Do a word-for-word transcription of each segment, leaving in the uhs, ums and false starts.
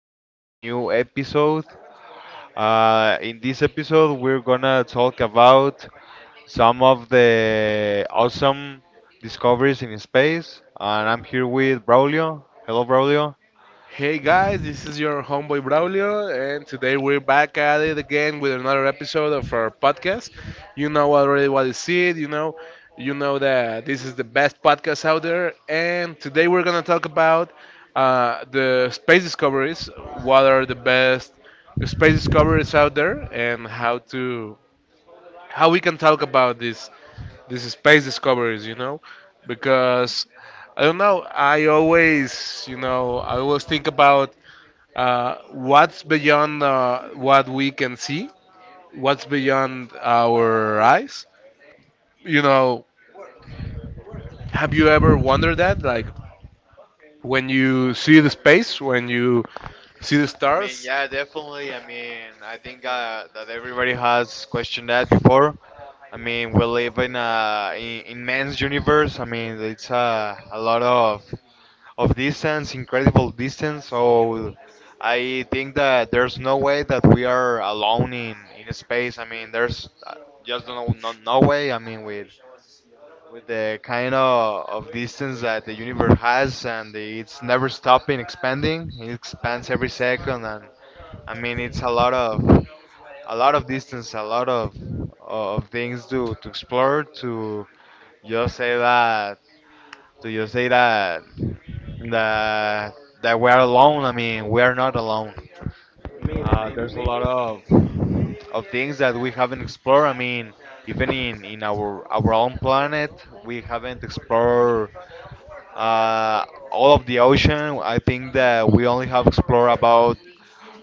in a new episode. Uh, in this episode, we're gonna talk about some of the awesome discoveries in space. And I'm here with Braulio. Hello, Braulio. Hey guys, this is your homeboy Braulio, and today we're back at it again with another episode of our podcast. You know already what is it, you know, you know that this is the best podcast out there, and today we're gonna talk about uh, the space discoveries, what are the best space discoveries out there, and how to how we can talk about this these space discoveries, you know, because I don't know, I always, you know, I always think about uh, what's beyond uh, what we can see. What's beyond our eyes? You know, have you ever wondered that? Like when you see the space, when you see the I mean, stars? yeah, definitely. I mean, I think uh, that everybody has questioned that before. I mean, we live in a in, immense universe. I mean, it's uh, a lot of of distance, incredible distance. So I think that there's no way that we are alone in, in space. I mean, there's uh, just no, no, no way. I mean, with with the kind of, of distance that the universe has, and it's never stopping expanding. It expands every second, and I mean, it's a lot of a lot of distance, a lot of of things to to explore. To just say that do you say that that that we're alone. I mean, we're not alone. Uh, there's a lot of of things that we haven't explored. I mean, even in, in our our own planet, we haven't explored uh, all of the ocean. I think that we only have explored about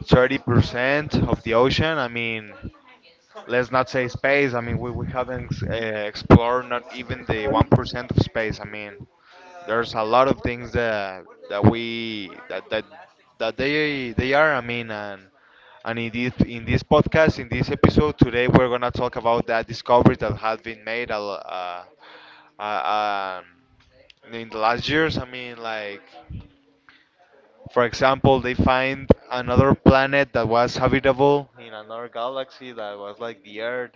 thirty percent of the ocean. I mean, let's not say space. I mean, we, we haven't uh, explored not even the one percent of space. I mean, there's a lot of things that that we that that that they they are. I mean, and and in this in this podcast, in this episode today, we're gonna talk about that discovery that has been made a lo- uh, uh, um, in the last years. I mean, like for example, they find another planet that was habitable in another galaxy that was like the Earth,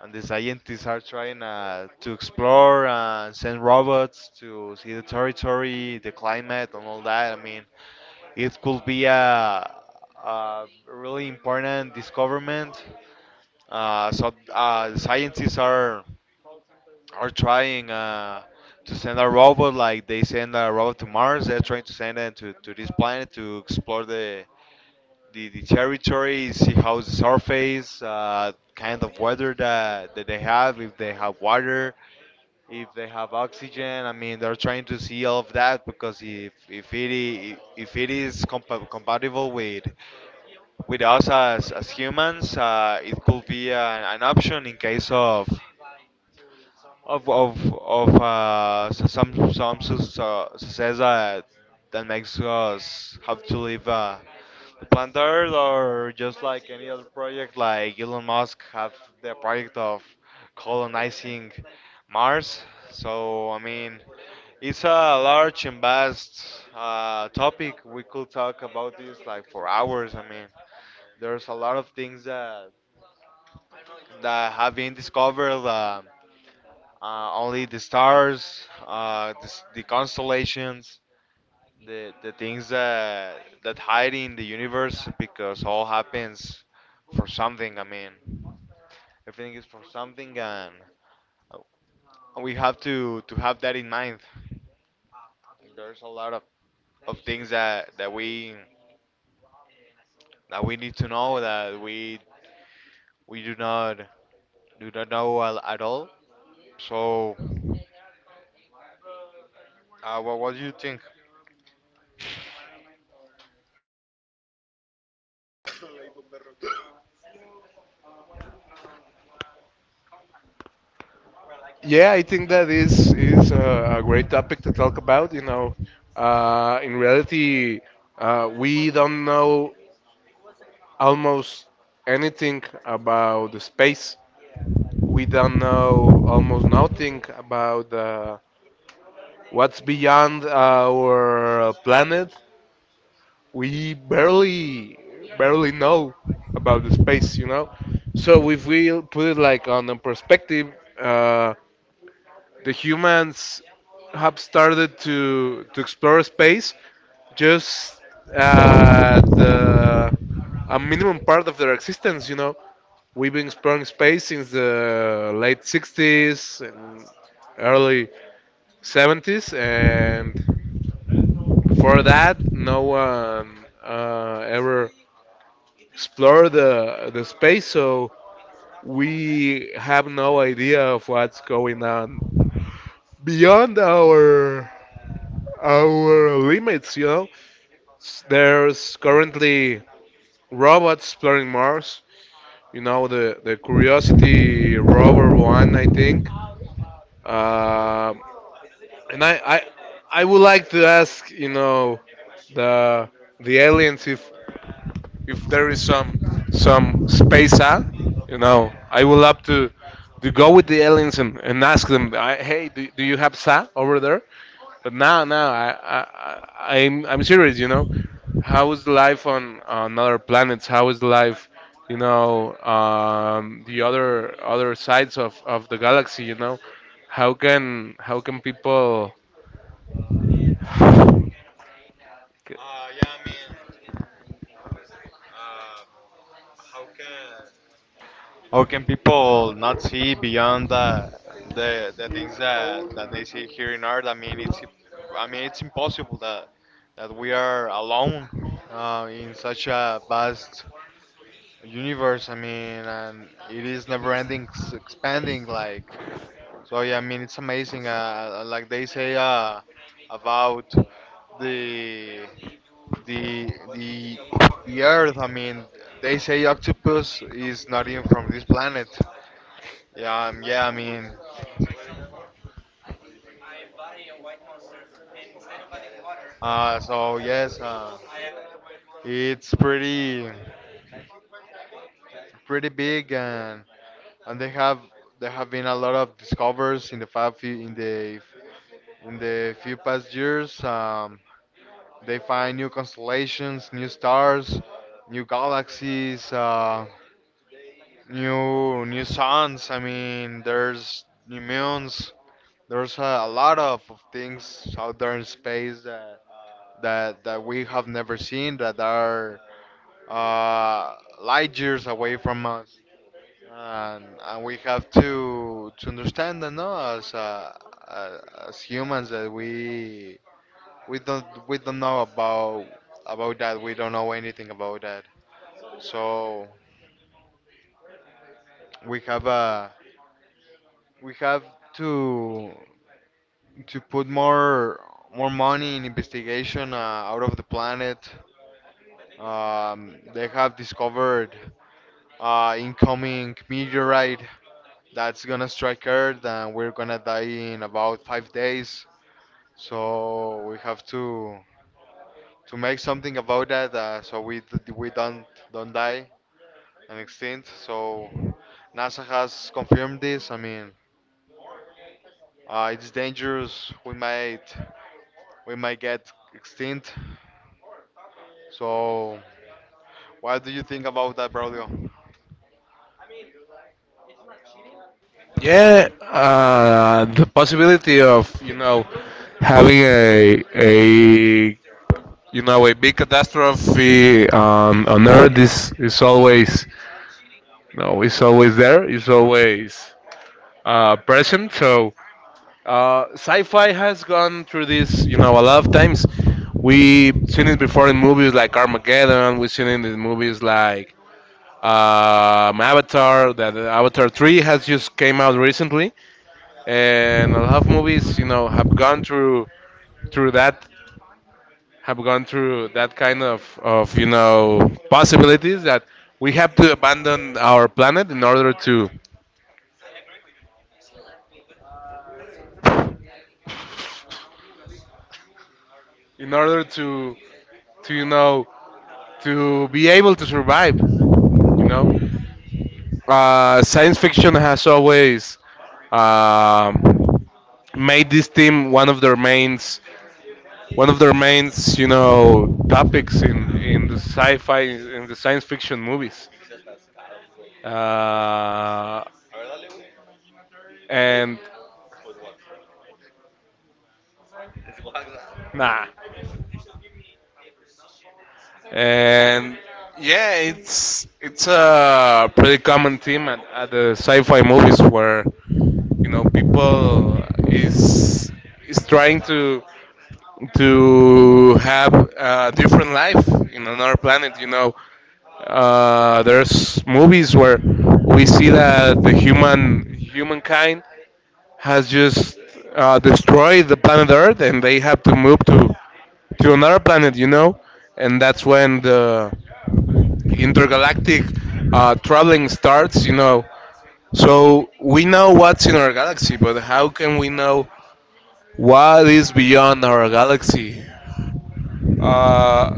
and the scientists are trying uh, to explore and send robots to see the territory, the climate, and all that. I mean, it could be a, a really important discoverment. Uh, so uh, the scientists are are trying uh, to send a robot, like they send a robot to Mars. They're trying to send it to, to this planet to explore the the, the territory, see how the surface, uh, kind of weather that, that they have, if they have water, if they have oxygen. I mean, they're trying to see all of that because if, if, it, i- if it is compa- compatible with with us as, as humans, uh, it could be an, an option in case of of of of uh, s- some some s- uh, says that that makes us have to leave uh, the planet Earth, or just like any other project, like Elon Musk have the project of colonizing Mars. So I mean, it's a large and vast uh, topic. We could talk about this like for hours. I mean, there's a lot of things that that have been discovered. Um, uh, only the stars, uh, the, s- the constellations, the the things that that hide in the universe, because all happens for something. I mean, everything is for something, and uh, we have to to have that in mind. There's a lot of, of things that, that we that we need to know, that we we do not do not know al- at all. So, uh, what what do you think? Yeah, I think that is is a, a great topic to talk about. You know, uh, in reality, uh, we don't know almost anything about the space. We don't know almost nothing about uh, what's beyond our planet. We barely, barely know about the space, you know. So if we put it like on a perspective, uh, the humans have started to to explore space just at the a minimum part of their existence, you know. We've been exploring space since the late sixties and early seventies, and before that, no one uh, ever explored the, the space, so we have no idea of what's going on beyond our our limits. You know, S- there's currently robots exploring Mars. You know, the the Curiosity rover one, I think. Uh, And I, I, I would like to ask, you know, the the aliens if if there is some some space out, you know, I would love to to go with the aliens and, and ask them, I, hey, do, do you have sa over there? But now, now, I, I, I- I'm I'm serious, you know, how is the life on on other planets? How is the life, you know, um, the other other sides of of the galaxy? You know, how can how can people Or can people not see beyond the the, the things that, that they see here in art? I mean, it's I mean it's impossible that that we are alone uh, in such a vast universe. I mean, and it is never ending, s- expanding. Like so, yeah. I mean, it's amazing. Uh, uh, like they say uh, about the the the the Earth. I mean, they say octopus is not even from this planet. Yeah, um, yeah, I mean, uh, so yes, uh, it's pretty, pretty big, and and they have there have been a lot of discoveries in the five few in the in the few past years. Um, they find new constellations, new stars, new galaxies, uh, new new suns. I mean, there's new moons. There's a, a lot of, of things out there in space that that that we have never seen, that are uh, light years away from us, and, and we have to to understand that no, as uh, uh, as humans, that we we don't we don't know about about that. We don't know anything about that. So we have uh, we have to to put more more money in investigation uh, out of the planet. Um, they have discovered uh, incoming meteorite that's gonna strike Earth, and we're gonna die in about five days. So we have to to make something about that, uh, so we d- we don't don't die and extinct. So NASA has confirmed this. I mean, uh, it's dangerous. We might we might get extinct. So what do you think about that, Braulio? yeah, uh, the possibility of, you know, having a a, you know, a big catastrophe on on Earth is is always, no, is always there, it's always uh, present. So uh, sci-fi has gone through this, you know, a lot of times. We've seen it before in movies like Armageddon. We've seen it in movies like Um, Avatar, that Avatar three has just came out recently, and a lot of movies, you know, have gone through through that, have gone through that kind of of you know, possibilities that we have to abandon our planet in order to in order to to, you know, to be able to survive, you know. Uh, science fiction has always um, made this theme one of their mains, one of their main, you know, topics in in the sci-fi, in the science fiction movies. Uh, and nah, and yeah, it's it's a pretty common theme at, at the sci-fi movies where, you know, people is is trying to to have a different life in another planet. You know, Uh, there's movies where we see that the human humankind has just uh, destroyed the planet Earth, and they have to move to to another planet, you know, and that's when the intergalactic uh, traveling starts, you know. So we know what's in our galaxy, but how can we know what is beyond our galaxy? Uh,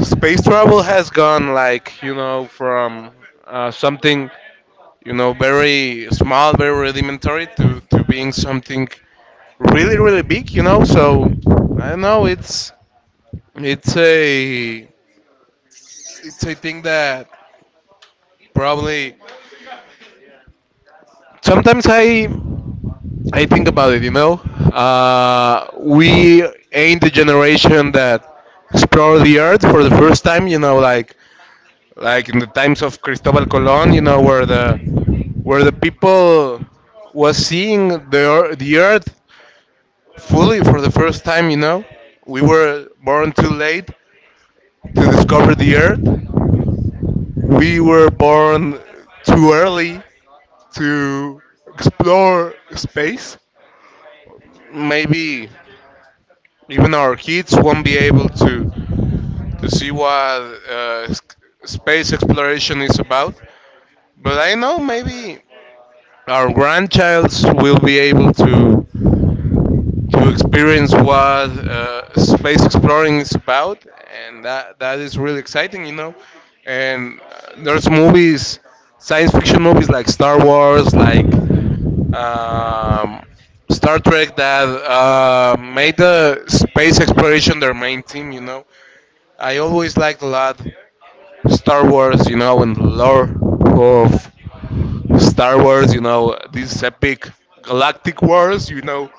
Space travel has gone like, you know, from uh, something, you know, very small, very rudimentary to, to being something really, really big, you know. So I don't know. It's it's a, it's a thing that probably sometimes I I think about it, you know. Uh, we ain't the generation that explored the earth for the first time, you know, like like in the times of Cristobal Colon, you know, where the where the people was seeing the ear- the earth fully for the first time, you know. We were born too late to discover the earth. We were born too early to explore space. Maybe even our kids won't be able to to see what uh, s- space exploration is about. But I know maybe our grandchilds will be able to to experience what uh, space exploring is about, and that that is really exciting, you know. And uh, there's movies, science fiction movies like Star Wars, like um, Star Trek, that uh, made the space exploration their main theme, you know. I always liked a lot Star Wars, you know, and the lore of Star Wars, you know, these epic galactic wars, you know,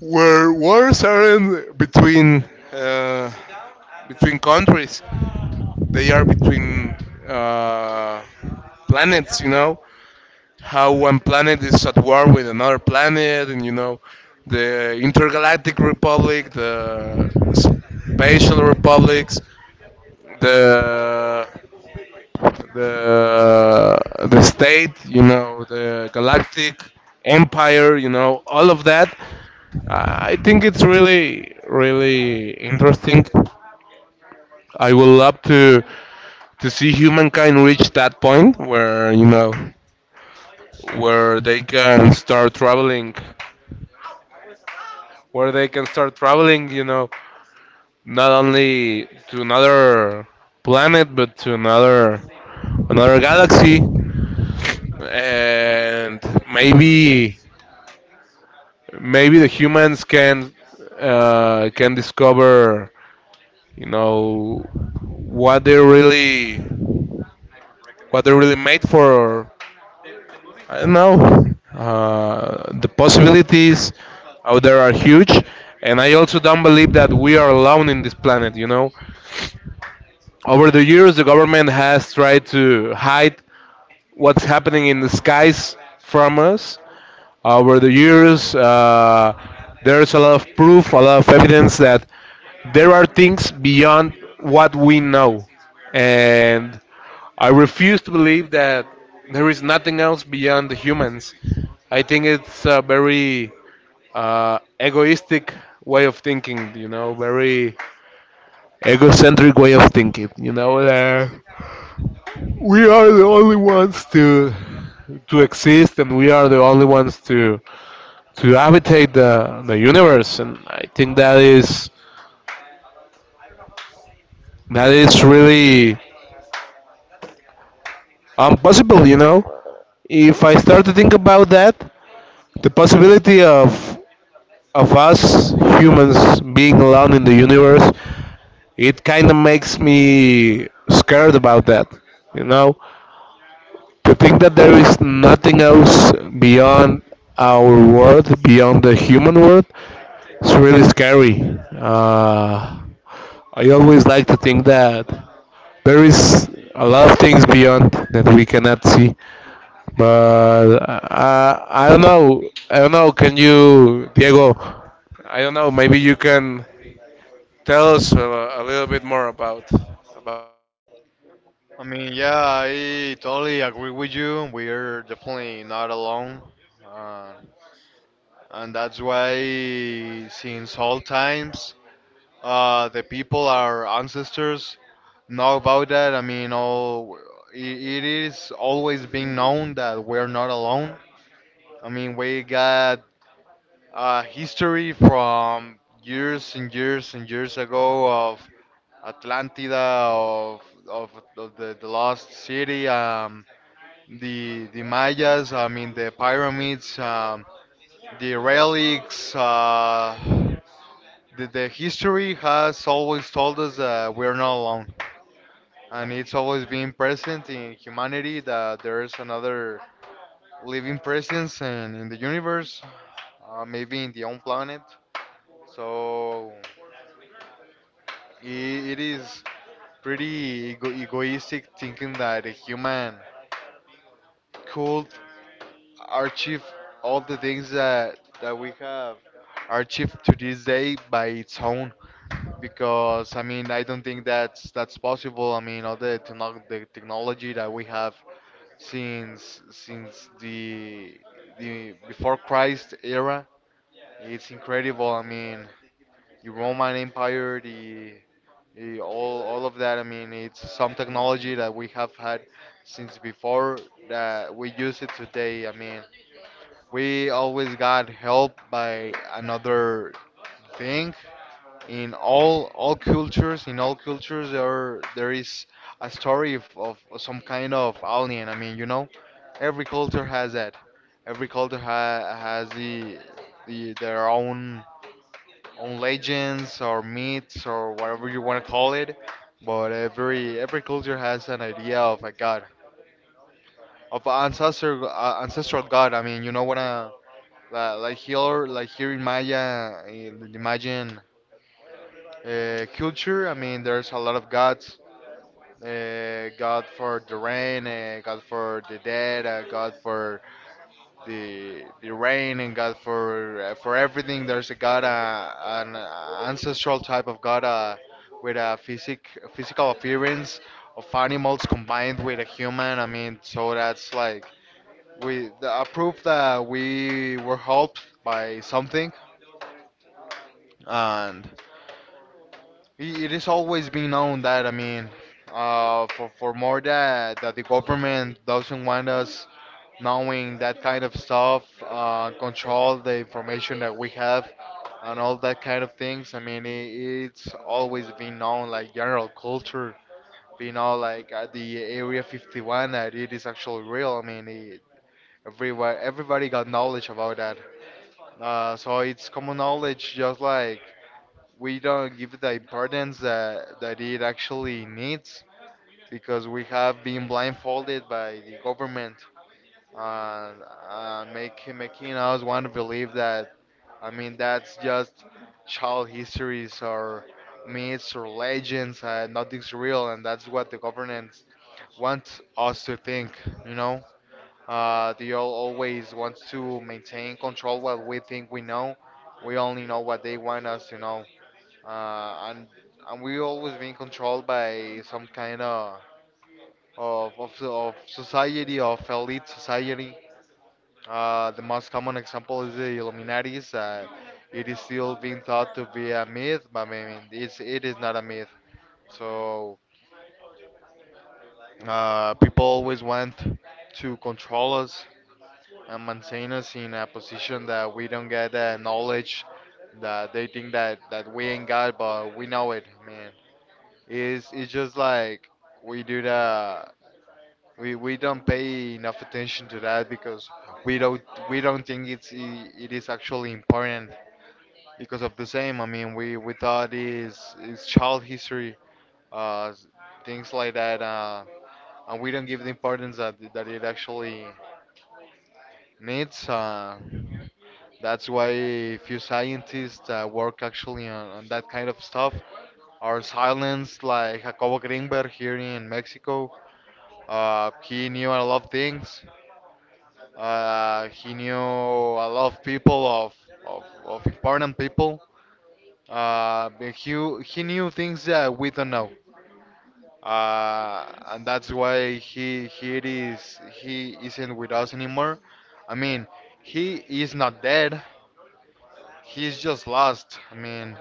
where wars aren't between uh, between countries, they are between uh, planets. You know how one planet is at war with another planet, and you know the intergalactic republic, the spatial republics, the the the state. You know the galactic empire. You know all of that. Uh, I think it's really, really interesting. I would love to to see humankind reach that point where, you know, where they can start traveling, where they can start traveling. You know, not only to another planet but to another another galaxy, and maybe maybe the humans can uh, can discover, you know, what they really what they really made for. I don't know. Uh, the possibilities out there are huge, and I also don't believe that we are alone in this planet. You know, over the years, the government has tried to hide what's happening in the skies from us. Over the years, uh, there's a lot of proof, a lot of evidence that there are things beyond what we know, and I refuse to believe that there is nothing else beyond the humans. I think it's a very uh, egoistic way of thinking, you know, very egocentric way of thinking, you know, that we are the only ones to to exist, and we are the only ones to to habitate the the universe, and I think that is that is really impossible, you know. If I start to think about that, the possibility of of us humans being alone in the universe, it kind of makes me scared about that. You know, to think that there is nothing else beyond our world, beyond the human world, it's really scary. Uh, I always like to think that there is a lot of things beyond that we cannot see. But uh, I don't know. I don't know. Can you, Diego? I don't know. Maybe you can tell us a, a little bit more about, about. I mean, yeah, I totally agree with you. We're definitely not alone. Uh, and that's why, since all times, uh, the people, our ancestors, know about that. I mean, all, it, it is always been known that we're not alone. I mean, we got uh, history from years and years and years ago of Atlantida, of, of, of the, the lost city. Um, the the Mayas, I mean the pyramids, um, the relics, uh, the, the history has always told us that we're not alone, and it's always been present in humanity that there is another living presence and in the universe, uh, maybe in the own planet. So it, it is pretty ego- egoistic thinking that a human could archive all the things that that we have archived to this day by its own, because I mean I don't think that's that's possible. I mean all the techno- the technology that we have since since the the before Christ era, it's incredible. I mean the Roman Empire, the Eh, all all of that. I mean, it's some technology that we have had since before that we use it today. I mean, we always got helped by another thing. In all all cultures, in all cultures, there there is a story of, of some kind of alien. I mean, you know, every culture has that. Every culture ha- has the, the their own own legends or myths or whatever you want to call it. But every every culture has an idea of a god of ancestor uh, ancestral god. I mean, you know what? Uh, like, like here, like here in Maya, in the Mayan uh, culture. I mean, there's a lot of gods. Uh, god for the rain, uh, god for the dead, uh, god for the the rain, and god for uh, for everything. There's a god, uh, an ancestral type of god uh, with a physic physical appearance of animals combined with a human. I mean, so that's like we the, a proof that we were helped by something, and it, it is always been known that, I mean, uh, for for more that that the government doesn't want us knowing that kind of stuff, uh, control the information that we have, and all that kind of things. I mean, it, it's always been known, like general culture. We all like at the Area fifty-one, that it is actually real. I mean, it, everywhere everybody got knowledge about that. Uh, so it's common knowledge, just like we don't give it the importance that, that it actually needs, because we have been blindfolded by the government, and, and make, making us want to believe that, I mean, that's just child histories or myths or legends, and nothing's real, and that's what the government wants us to think, you know? Uh, the All always wants to maintain control what we think we know. We only know what they want us to know. Uh, and and we always being controlled by some kind of of of, of society of elite society. Uh, the most common example is the Illuminatis. Uh, it is still being thought to be a myth, but I mean, it's it is not a myth. So uh, people always want to control us, and maintain us in a position that we don't get the knowledge that they think that that we ain't got, but we know it, man. It's it's just like we do the we we don't pay enough attention to that, because we don't we don't think it's i- it is actually important, because of the same. I mean, we we thought is is child history, uh, s- things like that, uh, and we don't give the importance that that it actually needs. Uh, That's why few scientists that work actually on, on that kind of stuff are silenced, like Jacobo Greenberg here in Mexico. Uh, he knew a lot of things. Uh, he knew a lot of people, of, of, of important people. Uh, but he, he knew things that we don't know. Uh, and that's why he, he, is, he isn't with us anymore. I mean, he is not dead. He's just lost. I mean,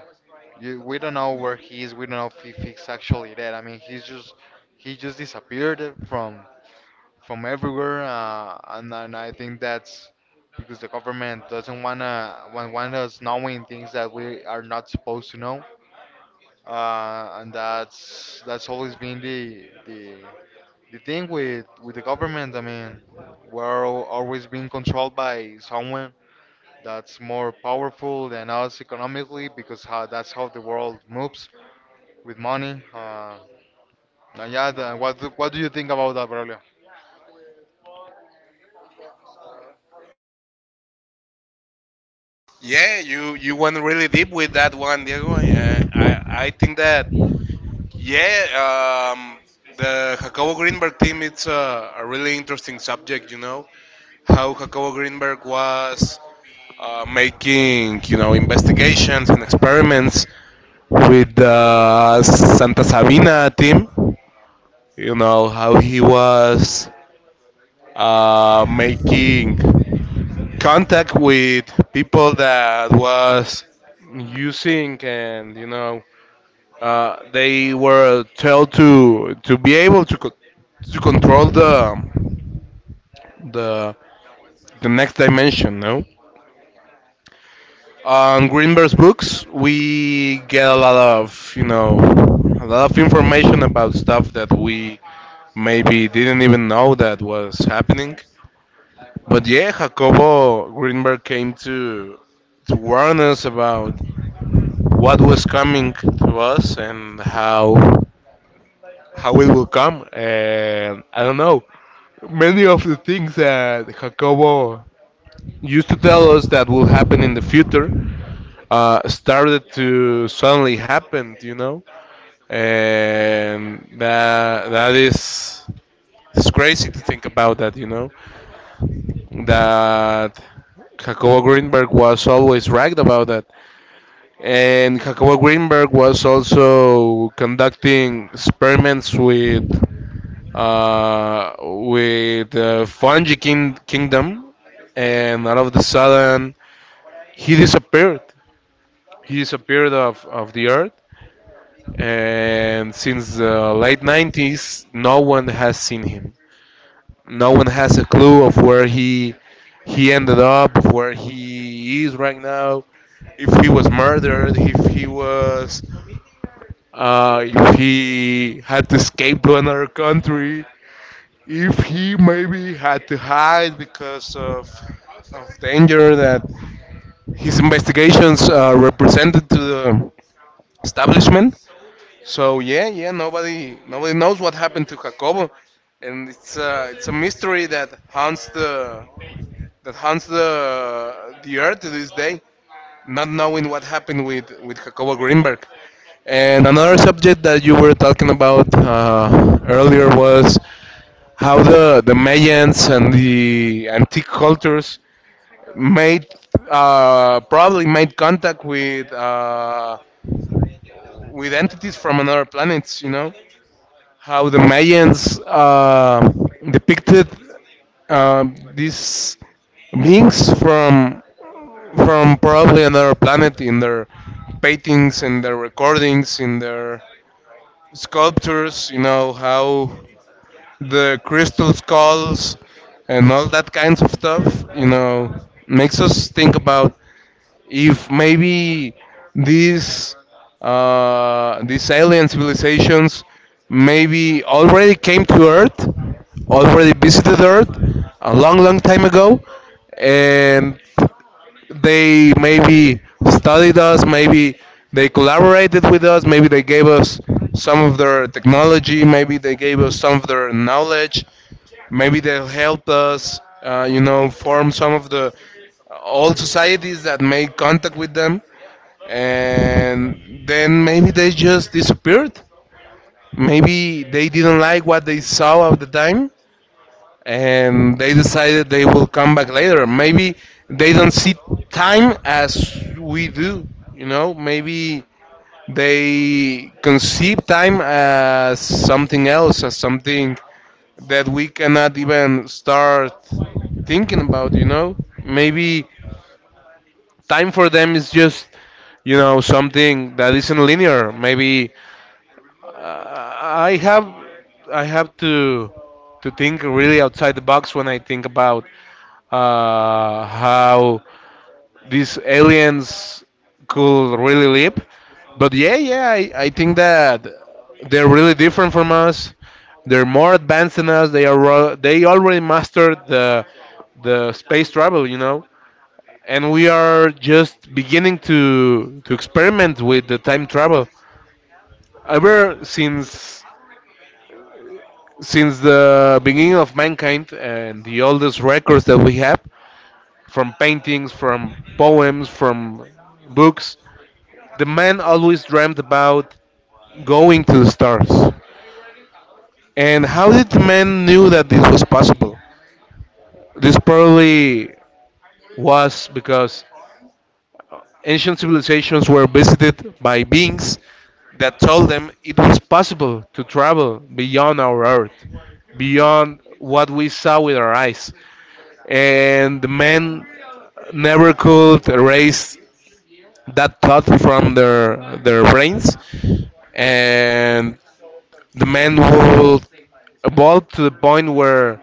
You, we don't know where he is. We don't know if, he- if he's actually dead. I mean, he's just he just disappeared from from everywhere, uh, and, and I think that's because the government doesn't wanna want, want us knowing things that we are not supposed to know, uh, and that's that's always been the the the thing with with the government. I mean, we're al- always being controlled by someone that's more powerful than us economically, because how that's how the world moves, with money. Uh, and yeah, the, what do- what do you think about that, Braulio? Yeah, you you went really deep with that one, Diego. Yeah, I I think that yeah, um, the Jacobo Greenberg team, it's a, a really interesting subject. You know how Jacobo Greenberg was uh, making, you know, investigations and experiments with the Santa Sabina team. You know how he was uh, making contact with people that was using, and you know, uh, they were told to to be able to co- to control the the the next dimension, no, on Greenberg's books, we get a lot of, you know, a lot of information about stuff that we maybe didn't even know that was happening. But yeah, Jacobo Greenberg came to to warn us about what was coming to us and how how it will come. And I don't know. Many of the things that Jacobo used to tell us that will happen in the future uh, started to suddenly happen, you know? And that, that is it's crazy to think about that, you know? That Jacobo Greenberg was always right about that. And Jacobo Greenberg was also conducting experiments with uh, with the fungi king- kingdom, and all of a sudden he disappeared. He disappeared off of the earth, and since the late nineties, no one has seen him. No one has a clue of where he he ended up, of where he is right now, if he was murdered, if he was uh, if he had to escape to another country, if he maybe had to hide because of, of danger that his investigations uh, represented to the establishment. So yeah, yeah, nobody nobody knows what happened to Jacobo, and it's uh, it's a mystery that haunts the that haunts the the earth to this day, not knowing what happened with with Jacobo Greenberg. And another subject that you were talking about uh, earlier was how the the Mayans and the antique cultures made uh, probably made contact with uh, with entities from another planets. You know how the Mayans uh, depicted uh, these beings from from probably another planet in their paintings, in their recordings, in their sculptures, you know, how the crystal skulls and all that kinds of stuff, you know, makes us think about if maybe these uh, these alien civilizations maybe already came to Earth, already visited Earth a long, long time ago, and they maybe studied us, maybe they collaborated with us, maybe they gave us some of their technology, maybe they gave us some of their knowledge, maybe they helped us, uh, you know, form some of the uh, old societies that made contact with them, and then maybe they just disappeared. Maybe they didn't like what they saw at the time, and they decided they will come back later. Maybe they don't see time as we do, you know. Maybe they conceive time as something else, as something that we cannot even start thinking about, you know. Maybe time for them is just, you know, something that isn't linear. Maybe uh, I have I have to to think really outside the box when I think about uh, how these aliens could really live. But yeah, yeah, I, I think that they're really different from us. They're more advanced than us. They are ro- they already mastered the the space travel, you know. And we are just beginning to to experiment with the time travel. Ever since since the beginning of mankind and the oldest records that we have, from paintings, from poems, from books. The man always dreamt about going to the stars. And how did the man knew that this was possible? This probably was because ancient civilizations were visited by beings that told them it was possible to travel beyond our earth, beyond what we saw with our eyes. And the man never could erase that thought from their their brains, and the man will evolve to the point where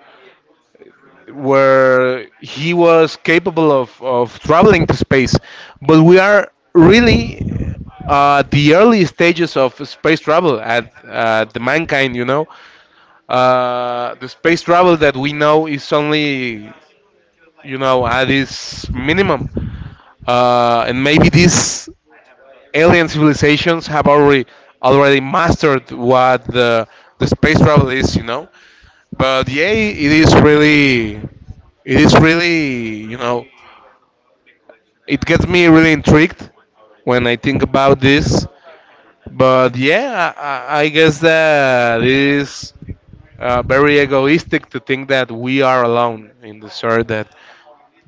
where he was capable of, of traveling to space. But we are really uh, the early stages of space travel at uh, the mankind, you know. Uh, the space travel that we know is only, you know, at its minimum. Uh, and maybe this alien civilizations have already already mastered what the the space travel is, you know. But yeah, it is really, it is really, you know, it gets me really intrigued when I think about this. But yeah, I, I I guess that it is uh, very egoistic to think that we are alone in this earth, that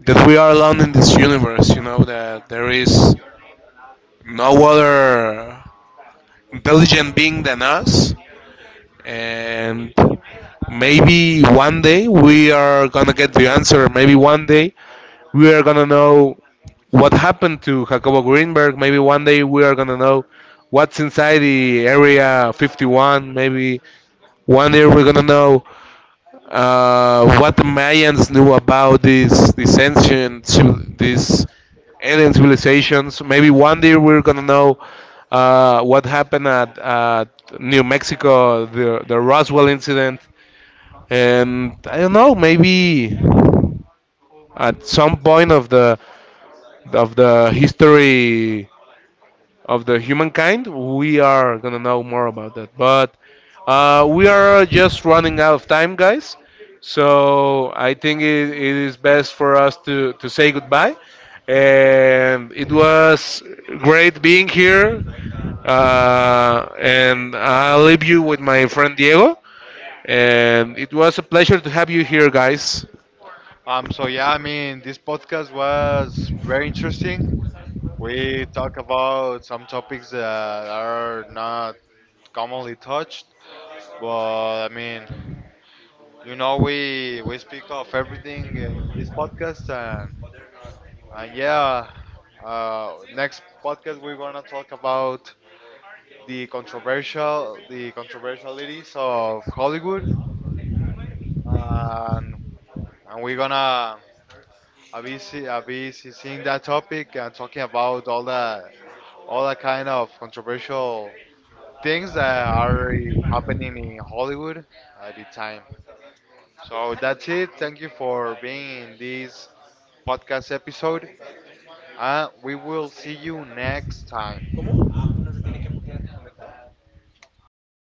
that we are alone in this universe. You know that there is no other intelligent being than us, and maybe one day we are gonna get the answer. Maybe one day we are gonna know what happened to Jacobo Greenberg. Maybe one day we are gonna know what's inside the Area fifty-one. Maybe one day we're gonna know uh, what the Mayans knew about this this ancient civ- this alien civilizations. Maybe one day we're gonna know uh, what happened at, at New Mexico, the the Roswell incident, and I don't know, maybe at some point of the of the history of the humankind, we are gonna know more about that. But uh, we are just running out of time, guys. So I think it, it is best for us to to say goodbye. And it was great being here. Uh, and I'll leave you with my friend Diego. And it was a pleasure to have you here, guys. Um, so yeah, I mean, this podcast was very interesting. We talk about some topics that are not commonly touched, but I mean, you know, we we speak of everything in this podcast, and and yeah, uh, next podcast we're gonna talk about the controversial the controversialities of Hollywood, and and we're gonna I'll be see, I'll be see- seeing that topic and talking about all that all that kind of controversial things that are happening in Hollywood at the time. So that's it. Thank you for being in this podcast episode, and we will see you next time.